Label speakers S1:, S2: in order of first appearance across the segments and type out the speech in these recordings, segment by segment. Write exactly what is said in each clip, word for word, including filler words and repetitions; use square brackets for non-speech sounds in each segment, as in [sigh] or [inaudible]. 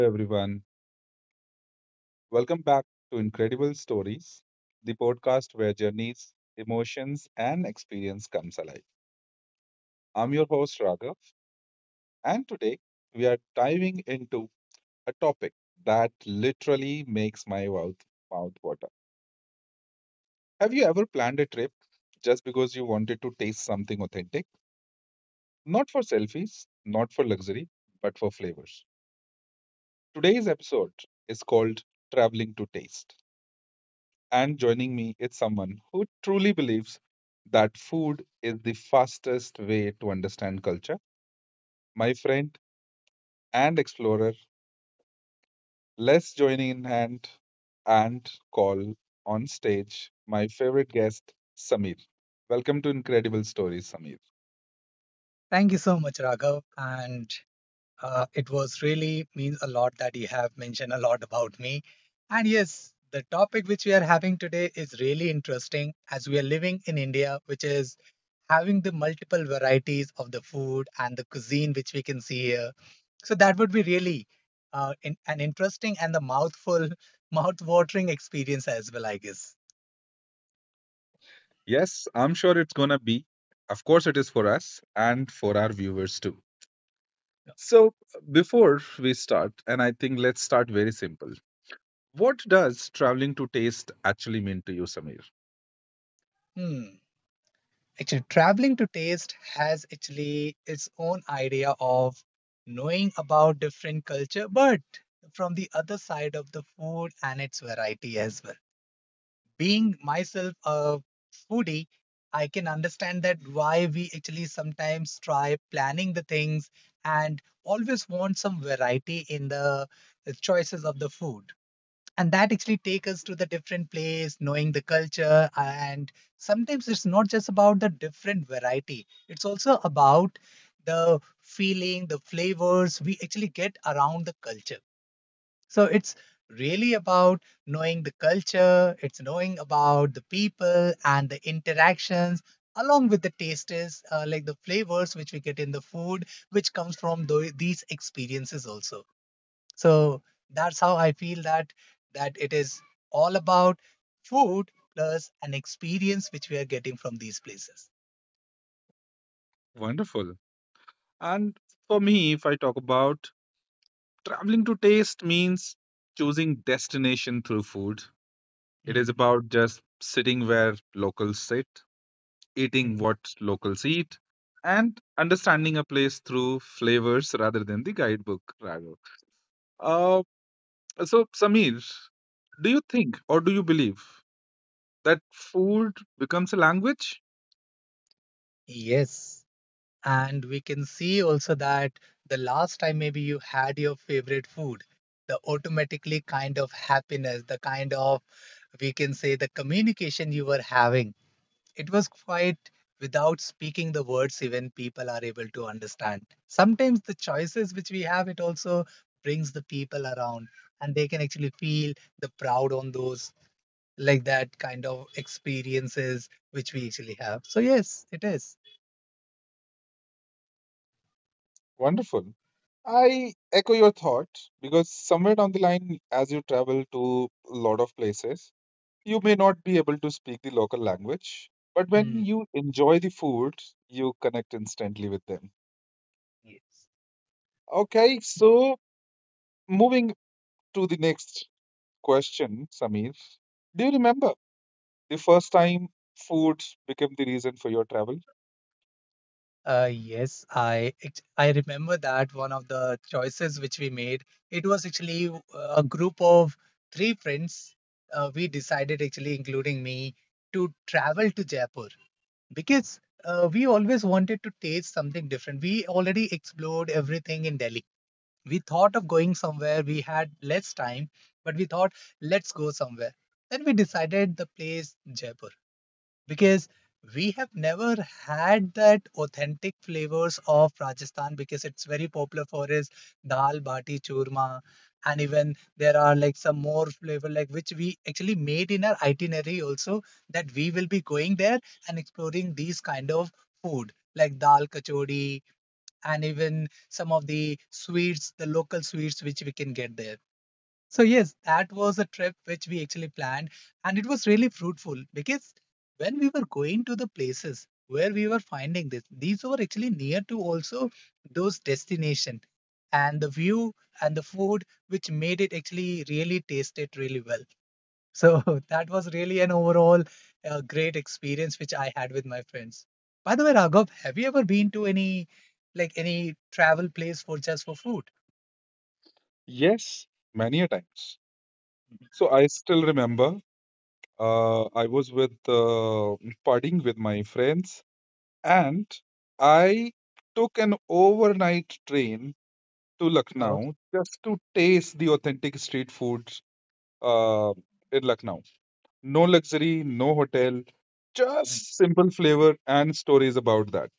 S1: everyone. Welcome back to Incredible Stories, the podcast where journeys, emotions, and experience comes alive. I'm your host Raghav, and today we are diving into a topic that literally makes my mouth mouth water. Have you ever planned a trip just because you wanted to taste something authentic? Not for selfies, not for luxury, but for flavors. Today's episode is called Traveling to Taste, and joining me is someone who truly believes that food is the fastest way to understand culture. My friend and explorer, let's join in hand and call on stage my favorite guest, Samir. Welcome to Incredible Stories, Samir.
S2: Thank you so much, Raghav. And uh, it was really means a lot that you have mentioned a lot about me. And yes, the topic which we are having today is really interesting as we are living in India, which is having the multiple varieties of the food and the cuisine which we can see here. So that would be really uh, in, an interesting and the mouthful, [laughs] mouth-watering experience as well, I guess.
S1: Yes, I'm sure it's gonna be. Of course, it is for us and for our viewers too. So, before we start, and I think let's start very simple. What does traveling to taste actually mean to you, Samir?
S2: Hmm. Actually, traveling to taste has actually its own idea of knowing about different culture, but from the other side of the food and its variety as well. Being myself a foodie, I can understand that why we actually sometimes try planning the things and always want some variety in the choices of the food, and that actually take us to the different place knowing the culture uh, and sometimes it's not just about the different variety, it's also about the feeling the flavors we actually get around the culture. So it's really about knowing the culture, it's knowing about the people and the interactions along with the tastes uh, like the flavors which we get in the food which comes from tho- these experiences also. So that's how I feel that that it is all about food plus an experience which we are getting from these places.
S1: Wonderful. And for me, if I talk about traveling to taste means choosing destination through food. It is
S2: Mhm,
S1: about just sitting where locals sit, eating
S2: mhm.
S1: what locals eat, and understanding a place through flavors rather than the guidebook. Rather. Uh, so, Samir, do you think or do you believe that food becomes a language?
S2: Yes, and we can see also that the last time maybe you had your favorite food, the automatically kind of happiness, the kind of, we can say, the communication you were having. It was quite without speaking the words, even people are able to understand. Sometimes the choices which we have, it also brings the people around and they can actually feel the proud on those, like that kind of experiences which we actually have. So yes, it is.
S1: Wonderful. I echo your thought because somewhere down the line, as you travel to a lot of places, you may not be able to speak the local language, but when
S2: Hmm.
S1: you enjoy the food, you connect instantly with them.
S2: Yes.
S1: Okay, so moving to the next question, Samir, do you remember the first time food became the reason for your travel?
S2: Uh, yes, I ex- I remember that one of the choices which we made, it was actually w- a group of three friends. Uh, we decided actually, including me, to travel to Jaipur because uh, we always wanted to taste something different. We already explored everything in Delhi. We thought of going somewhere. We had less time, but we thought, let's go somewhere. Then we decided the place Jaipur because we have never had that authentic flavors of Rajasthan because it's very popular for is dal bati churma, and even there are like some more flavor like which we actually made in our itinerary also, that we will be going there and exploring these kind of food like dal kachori and even some of the sweets, the local sweets which we can get there. So yes, that was a trip which we actually planned, and it was really fruitful because when we were going to the places where we were finding this, these were actually near to also those destination, and the view and the food which made it actually really tasted really well. So [laughs] that was really an overall uh, great experience which I had with my friends. By the way, Raghav, have you ever been to any like any travel place for just for food?
S1: Yes, many a times. So I still remember uh, I was with uh, partying with my friends and I took an overnight train to
S2: Oh.
S1: Lucknow just to taste the authentic street foods uh, in Lucknow. No luxury, no hotel, just simple flavor and stories about that.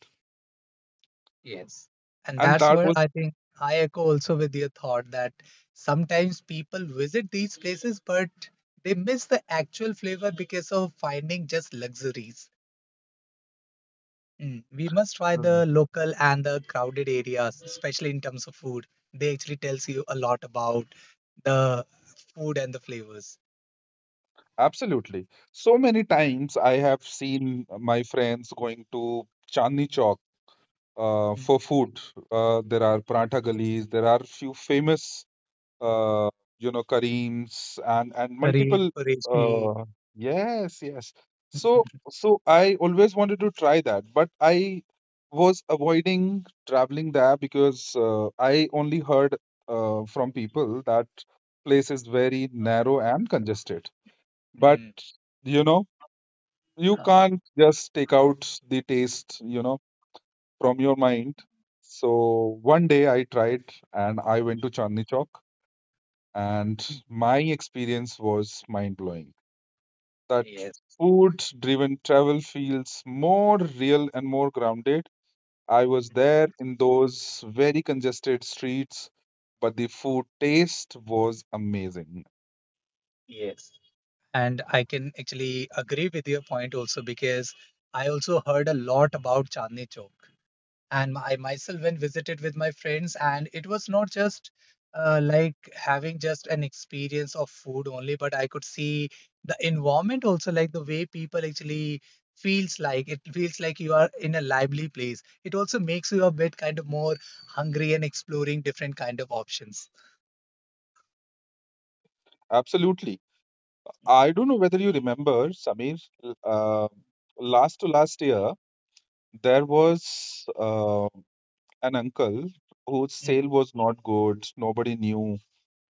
S2: Yes. And
S1: And
S2: that's
S1: that
S2: where
S1: was.
S2: I think I echo also with your thought that sometimes people visit these places, but they miss the actual flavor because of finding just luxuries. Mm. We must try the
S1: Mhm.
S2: local and the crowded areas, especially in terms of food. They actually tells you a lot about the food and the flavors.
S1: Absolutely, so many times I have seen my friends going to Chandni Chowk uh,
S2: Mm.
S1: for food. Uh, there are paratha galis, there are few famous uh, you know, Kareem's and and
S2: Curry,
S1: multiple.
S2: Qureshi.
S1: Uh, yes, yes. So
S2: [laughs]
S1: so I always wanted to try that, but I was avoiding traveling there because uh, I only heard uh, from people that place is very narrow and congested. But
S2: Mm.
S1: you know, you can't just take out the taste, you know, from your mind. So one day I tried and I went to Chandni Chowk and my experience was mind blowing. That
S2: Yes,
S1: food driven travel feels more real and more grounded. I was there in those very congested streets, but the food taste was amazing.
S2: yes. And I can actually agree with your point also because I also heard a lot about Chandni Chowk. And I myself went visited with my friends, and it was not just uh, like having just an experience of food only, but I could see the environment also, like the way people actually feels, like it feels like you are in a lively place. It also makes you a bit kind of more hungry and exploring different kind of options.
S1: Absolutely. I don't know whether you remember, Samir, uh, last to last year, there was uh, an uncle whose
S2: Mhm.
S1: sale was not good. Nobody knew.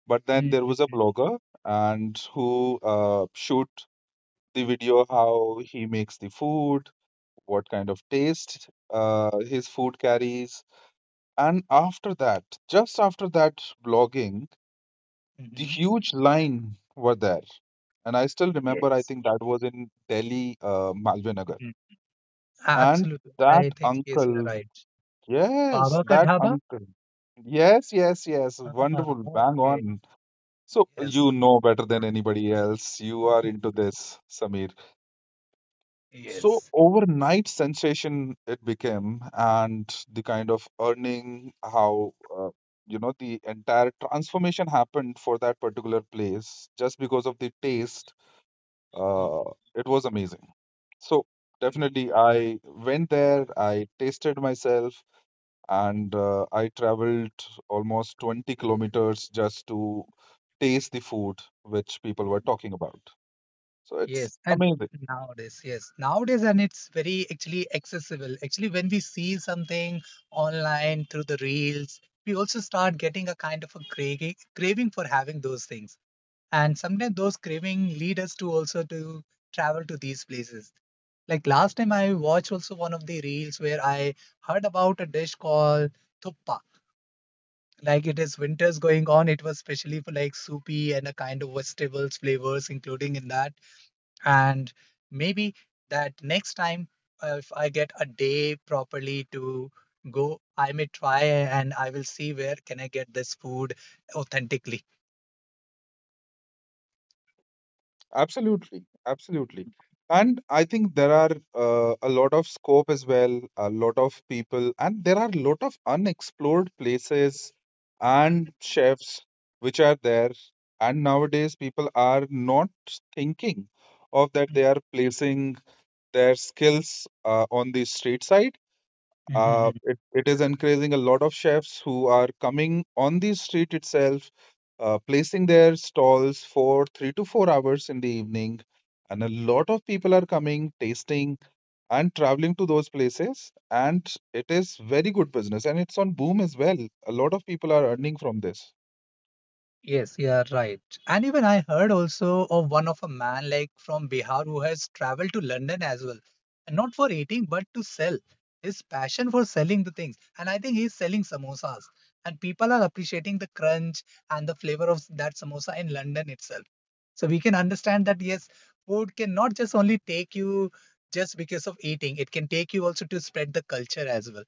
S1: But then there was a
S2: Mhm.
S1: blogger and who uh, shoot the video
S2: Mhm.
S1: how he makes the food, what kind of taste uh, his food carries. And after that, just after that blogging, the
S2: Mhm.
S1: huge line were there. And I still remember, I
S2: Yes.
S1: think that was in Delhi, uh, Malvinagar. And
S2: Absolutely.
S1: that
S2: I think, yes, you're
S1: uncle,
S2: right.
S1: yes,
S2: Baba Ka
S1: that
S2: Dhaba?
S1: uncle. Yes, yes, yes.
S2: Ah,
S1: Wonderful. Bang
S2: okay.
S1: on. So
S2: Yes.
S1: you know better than anybody else. You are
S2: Mhm.
S1: into this, Samir. So
S2: Yes.
S1: overnight sensation it became, and the kind of earning, how uh, you know the entire transformation happened for that particular place just because of the taste.
S2: Mhm.
S1: Uh, it was amazing. So
S2: Yes.
S1: definitely, I went there. I tasted myself and uh, I traveled almost 20 kilometers just to taste the food which people were
S2: Mhm.
S1: talking about. So it's
S2: Yes. And
S1: amazing.
S2: nowadays, yes. Nowadays, and it's very actually accessible. Actually, when we see something online through the reels, we also start getting a kind of a craving, craving for having those things. And sometimes those craving lead us to also to travel to these places, like last time I watched also one of the reels where I heard about a dish called thuppa. Like it is winters going on, it was specially for like soupy and a kind of vegetables flavors including in that, and maybe that next time uh, if I get a day properly to go, I may try and I will see where can I get this food authentically.
S1: Absolutely. Absolutely. And I think there are uh, a lot of scope as well, a lot of people, and there are a lot of unexplored places and chefs which are there. And nowadays, people are not thinking of that they are placing their skills uh, on the street side. Uh,
S2: [laughs]
S1: it, it is encouraging a lot of chefs who are coming on the street itself, uh, placing their stalls for three to four hours in the evening. And a lot of people are coming, tasting, and traveling to those places. And it is very good business and it's on boom as well. A lot of people are earning from this.
S2: Yes, you are right. And even I heard also of one of a man like from Bihar who has traveled to London as well. And not for eating, but to sell. His passion for selling the things. And I think he's selling samosas. And people are appreciating the crunch and the flavor of that samosa in London itself. So we can understand that yes, food can not just only take you just because of eating, it can take you also to spread the culture as well.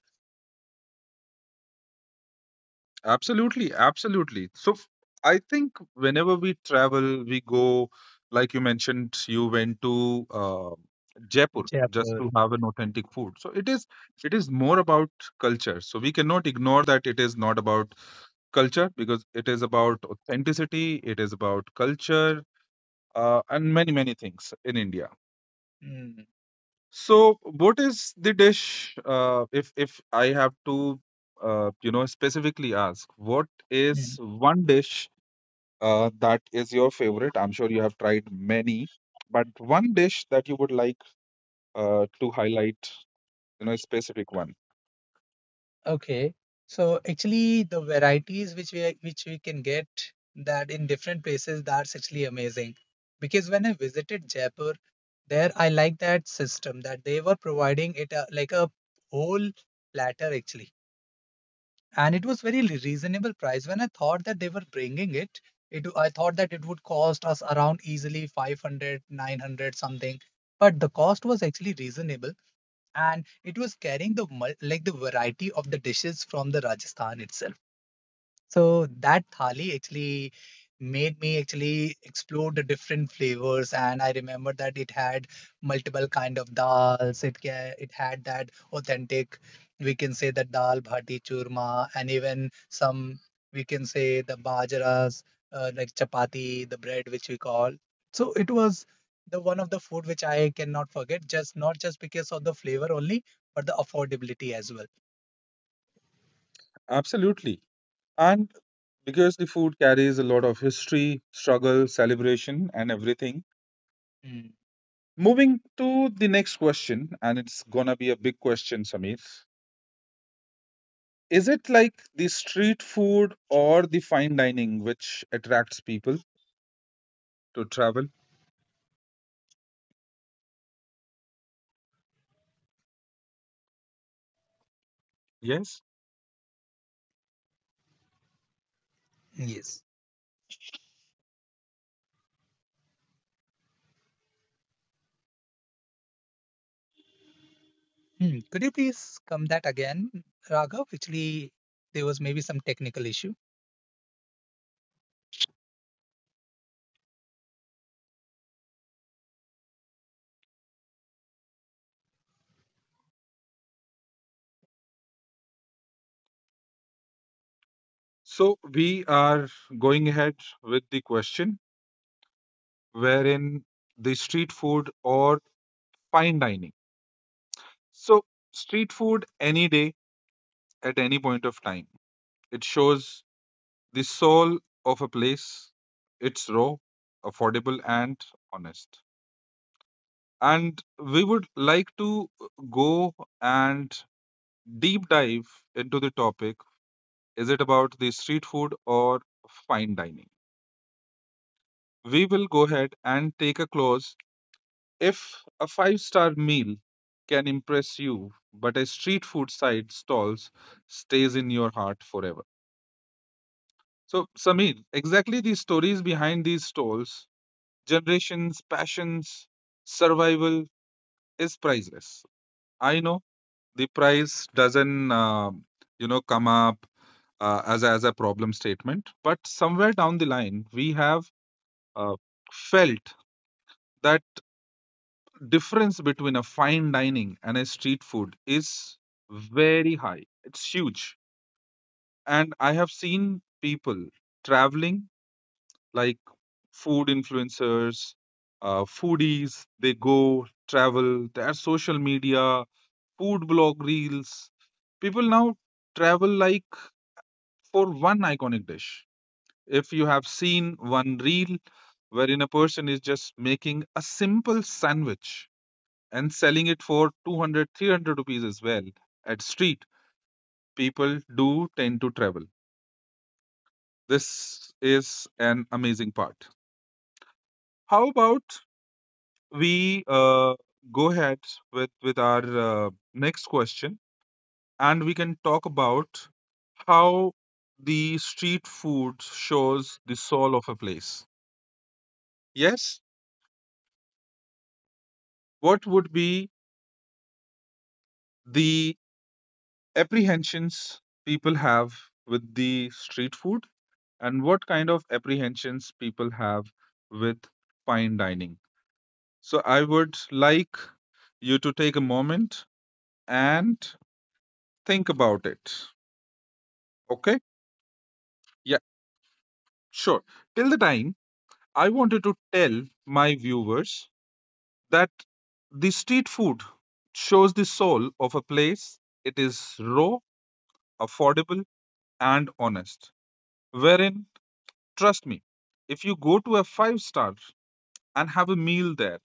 S1: Absolutely, absolutely. So f- I think whenever we travel, we go, like you mentioned, you went to uh, Jaipur just
S2: Jaipur.
S1: to have an authentic food. So it is it is more about culture. So we cannot ignore that it is not about culture because it is about authenticity, it is about culture, uh, and many many things in India.
S2: Mm.
S1: So what is the dish? Uh, if if I have to, uh, you know, specifically ask, what is
S2: Mm.
S1: one dish, uh, that is your favorite? I'm sure you have tried many, but one dish that you would like uh, to highlight, you know, a specific one.
S2: Okay. So actually the varieties which we which we can get that in different places, that's actually amazing. Because when I visited Jaipur, there I like that system that they were providing it a, like a whole platter actually. And it was very reasonable price. When I thought that they were bringing it, it I thought that it would cost us around easily five hundred, nine hundred something. But the cost was actually reasonable and it was carrying the mul- like the variety of the dishes from the Rajasthan itself. So that thali actually made me actually explore the different flavors, and I remember that it had multiple kind of dals, it ca- it had that authentic, we can say, that dal bhati churma, and even some, we can say, the bajaras uh, like chapati, the bread which we call. So it was the one of the food which I cannot forget just not just because of the flavor only, but the affordability as well.
S1: Absolutely. And because the food carries a lot of history, struggle, celebration, and everything.
S2: Mm,
S1: Moving to the next question, and it's gonna be a big question, Samir. Is it like the street food or the fine dining which attracts people to travel? Yes.
S2: yes. Hmm, could you please come that again, Raghav? Actually, there was maybe some technical issue.
S1: So we are going ahead with the question, wherein the street food or fine dining. So, street food any day at any point of time. It shows the soul of a place. It's raw, affordable, and honest. And we would like to go and deep dive into the topic: is it about the street food or fine dining? We will go ahead and take a close. If a five star meal can impress you, but a street food side stalls stays in your heart forever. So, Samir, exactly the stories behind these stalls, generations, passions, survival is priceless. I know the price doesn't, uh, you know, come up uh, as, a, as a problem statement, but somewhere down the line, we have uh, felt that difference between a fine dining and a street food is very high. It's huge. And I have seen people traveling, like food influencers, uh, foodies, they go travel, their social media, food blog reels. People now travel like for one iconic dish. If you have seen one reel wherein a person is just making a simple sandwich and selling it for two hundred, three hundred rupees as well at street, people do tend to travel. This is an amazing part. How about we uh, go ahead with with our uh, next question, and we can talk about how the street food shows the soul of a place. Yes. What would be the apprehensions people have with the street food, and what kind of apprehensions people have with fine dining? So, I would like you to take a moment and think about it. Okay? Yeah, sure. Till the time, I wanted to tell my viewers that the street food shows the soul of a place. It is raw, affordable, and honest. Wherein, trust me, if you go to a five star and have a meal there,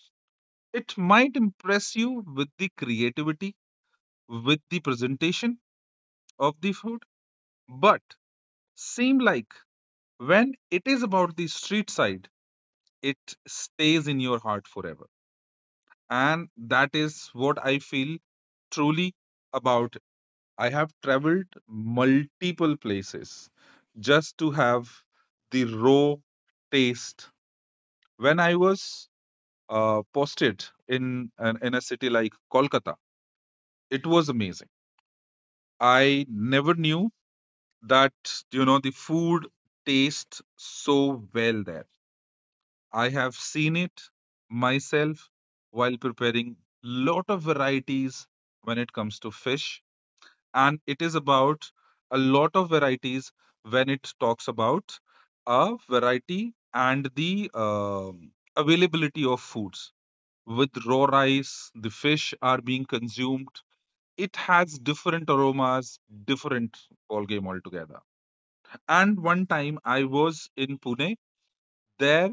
S1: it might impress you with the creativity, with the presentation of the food, but seem like when it is about the street side, it stays in your heart forever. And that is what I feel truly about. I have traveled multiple places just to have the raw taste. When I was uh, posted in an, in a city like Kolkata, it was amazing. I never knew that, you know, the food tastes so well there. I have seen it myself while preparing lot of varieties when it comes to fish, and it is about a lot of varieties when it talks about a variety and the um availability of foods. With raw rice, the fish are being consumed. It has different aromas, different ball game altogether. And one time I was in Pune, there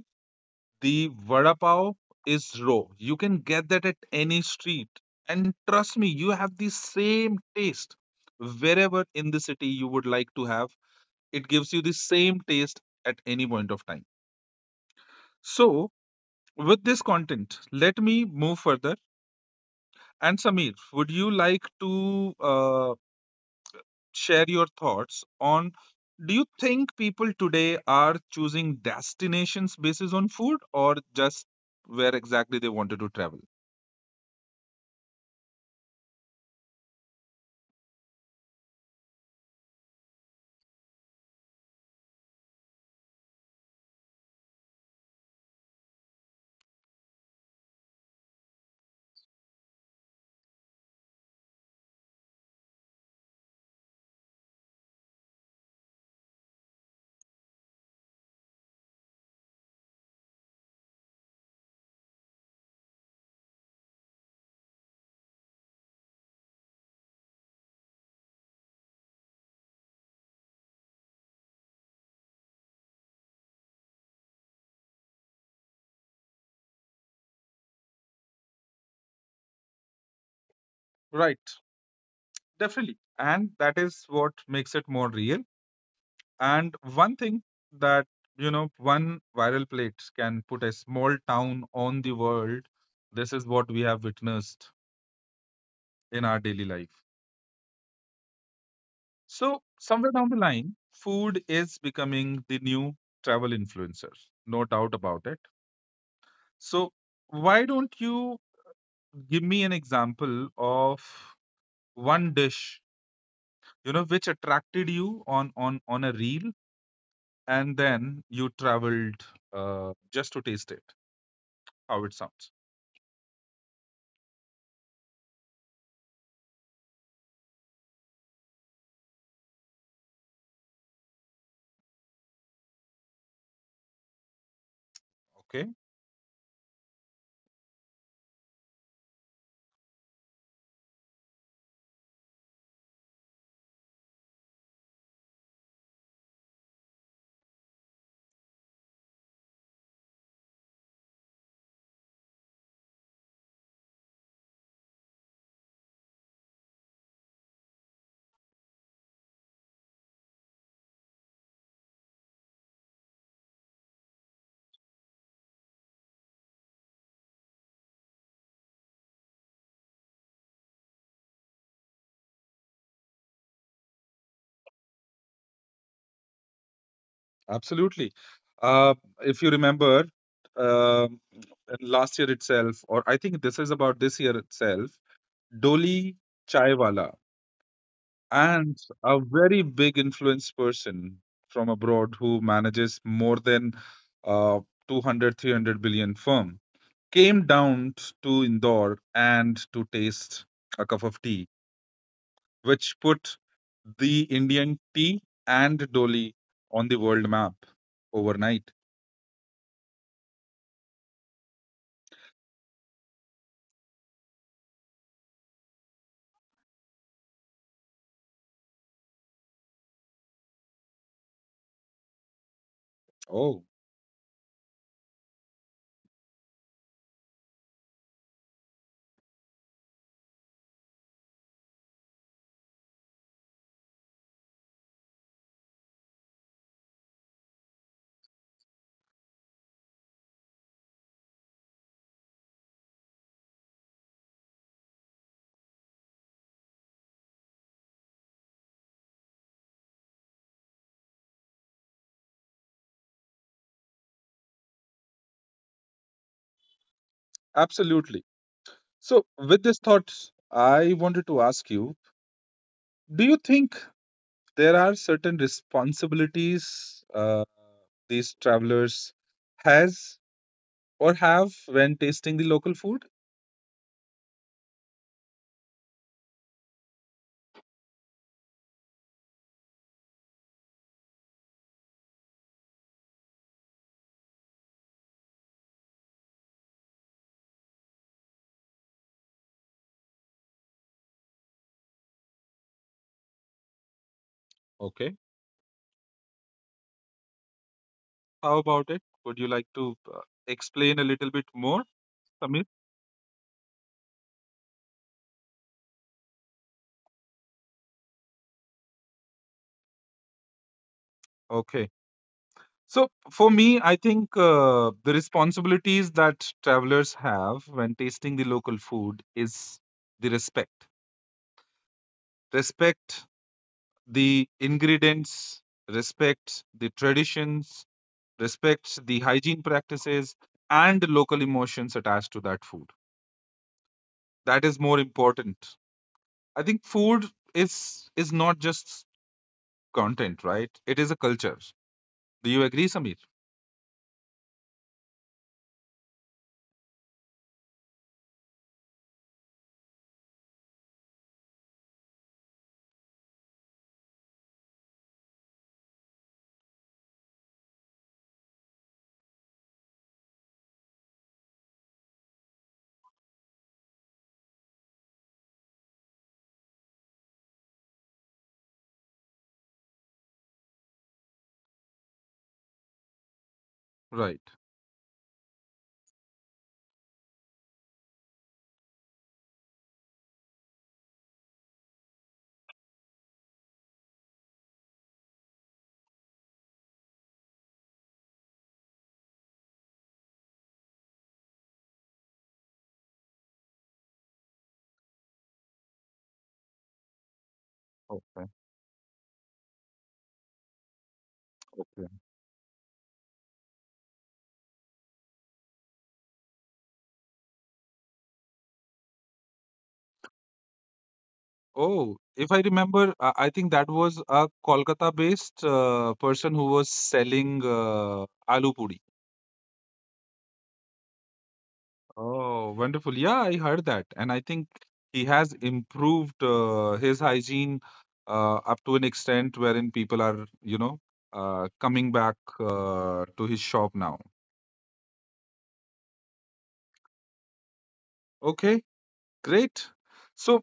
S1: the vada pav is raw. You can get that at any street, and trust me, you have the same taste wherever in the city you would like to have. It gives you the same taste at any point of time. So, with this content, let me move further. And Samir, would you like to uh, share your thoughts on do you think people today are choosing destinations basis on food or just where exactly they wanted to travel? Right, definitely. And that is what makes it more real, and one thing that you know one viral plate can put a small town on the world. This is what we have witnessed in our daily life. So, somewhere down the line, food is becoming the new travel influencer. No doubt about it. So, why don't you give me an example of one dish, you know, which attracted you on on on a reel, and then you traveled uh, just to taste it? How it sounds? Okay, absolutely. Uh, if you remember, uh, last year itself, or I think this is about this year itself, Doli Chaiwala. And a very big influence person from abroad who manages more than uh, two hundred, three hundred billion firm came down t- to Indore and to taste a cup of tea, which put the Indian tea and Doli on the world map overnight. Oh, absolutely. So with this thought, I wanted to ask you, do you think there are certain responsibilities uh, these travelers has or have when tasting the local food? Okay. How about it? Would you like to uh, explain a little bit more, Samir? Okay. So, for me, I think uh, the responsibilities that travelers have when tasting the local food is the respect. Respect the ingredients, respect the traditions, respect the hygiene practices, and local emotions attached to that food. That is more important. I think food is is not just content, right? It is a culture. Do you agree, Samir? Right. Okay. Okay. Oh, if I remember, uh, I think that was a Kolkata-based uh, person who was selling uh, aloo puri. Oh, wonderful. Yeah, I heard that. And I think he has improved uh, his hygiene uh, up to an extent wherein people are, you know, uh, coming back uh, to his shop now. Okay, great. So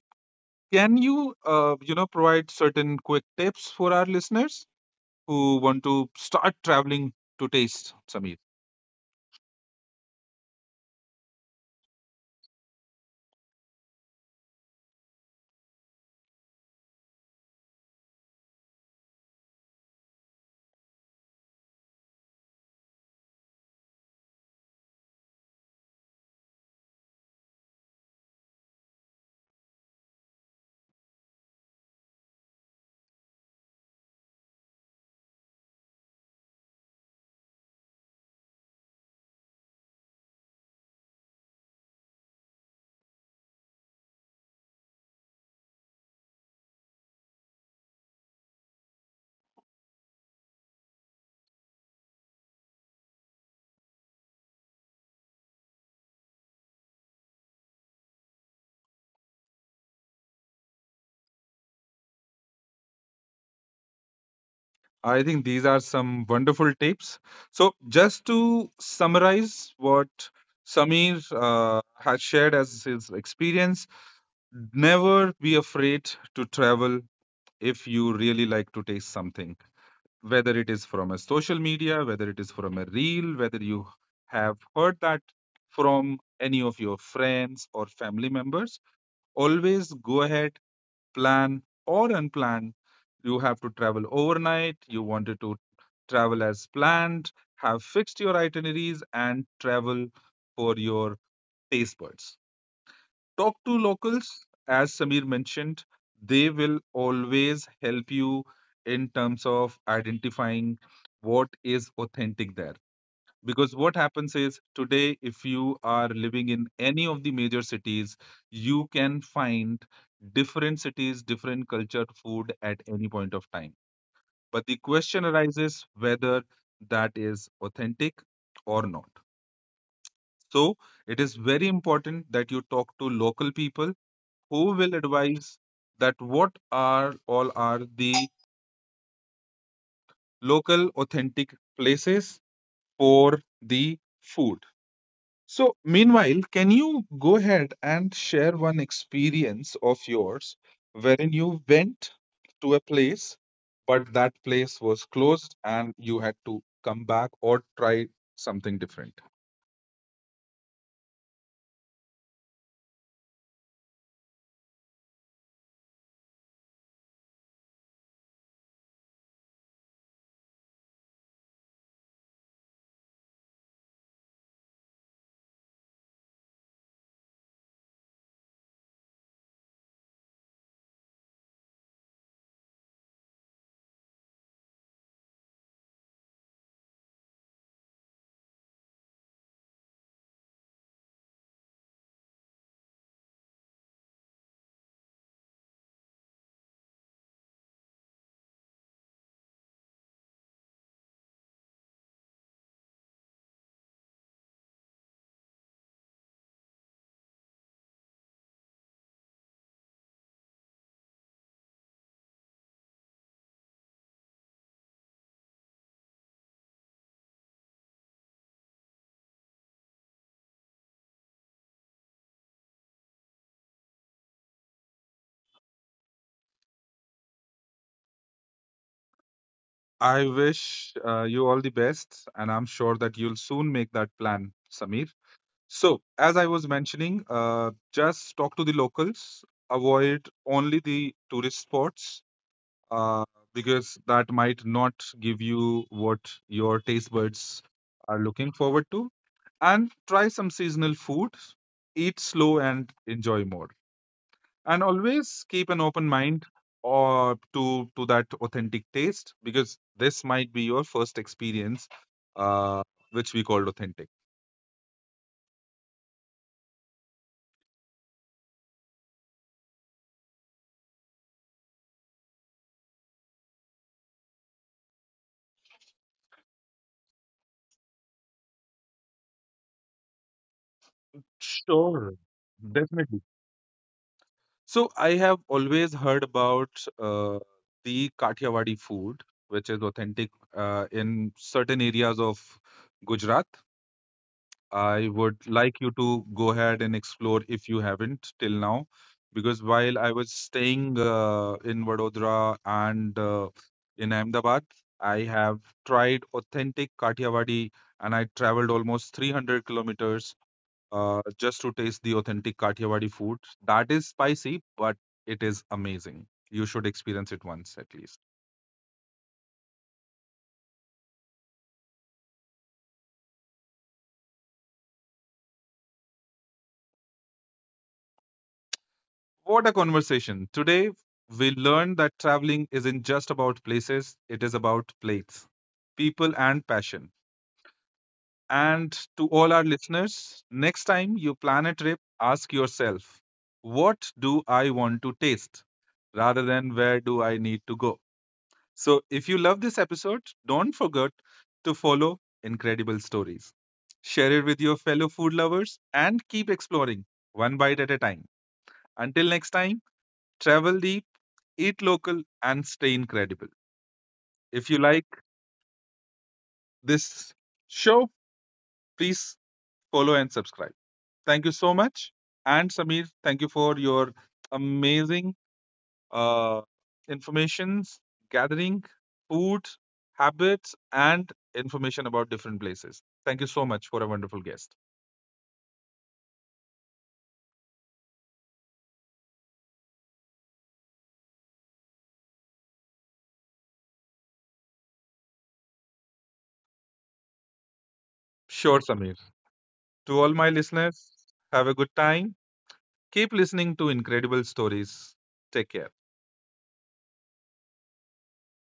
S1: can you, uh, you know, provide certain quick tips for our listeners who want to start traveling to taste, Sameer? I think these are some wonderful tips. So, just to summarize what Sameer uh, has shared as his experience, never be afraid to travel if you really like to taste something, whether it is from a social media, whether it is from a reel, whether you have heard that from any of your friends or family members. Always go ahead, plan or unplanned. You have to travel overnight, you wanted to travel as planned, have fixed your itineraries, and travel for your taste buds. Talk to locals, as Samir mentioned, they will always help you in terms of identifying what is authentic there. Because what happens is today, if you are living in any of the major cities, you can find different cities, different culture, food at any point of time. But the question arises whether that is authentic or not. So it is very important that you talk to local people who will advise that what are all are the local authentic places for the food. So, meanwhile, can you go ahead and share one experience of yours wherein you went to a place, but that place was closed and you had to come back or try something different? I wish uh, you all the best, and I'm sure that you'll soon make that plan, Sameer. So, as I was mentioning, uh, just talk to the locals, avoid only the tourist spots uh, because that might not give you what your taste buds are looking forward to. And try some seasonal food, eat slow and enjoy more. And always keep an open mind or to to that authentic taste because this might be your first experience, uh, which we called authentic. Sure. Definitely. So I have always heard about uh, the Kathiawadi food, which is authentic uh, in certain areas of Gujarat. I would like you to go ahead and explore if you haven't till now, because while I was staying uh, in Vadodara and uh, in Ahmedabad, I have tried authentic Kathiawadi and I traveled almost three hundred kilometers uh, just to taste the authentic Kathiawadi food. That is spicy, but it is amazing. You should experience it once at least. What a conversation. Today, we learned that traveling isn't just about places, it is about plates, people, and passion. And to all our listeners, next time you plan a trip, ask yourself, what do I want to taste rather than where do I need to go? So, if you love this episode, don't forget to follow Incredible Stories. Share it with your fellow food lovers and keep exploring one bite at a time. Until next time, travel deep, eat local, and stay incredible. If you like this show, please follow and subscribe. Thank you so much. And Samir, thank you for your amazing uh, informations gathering, food, habits, and information about different places. Thank you so much for a wonderful guest. Sure, Samir. To all my listeners, have a good time. Keep listening to Incredible Stories. Take care.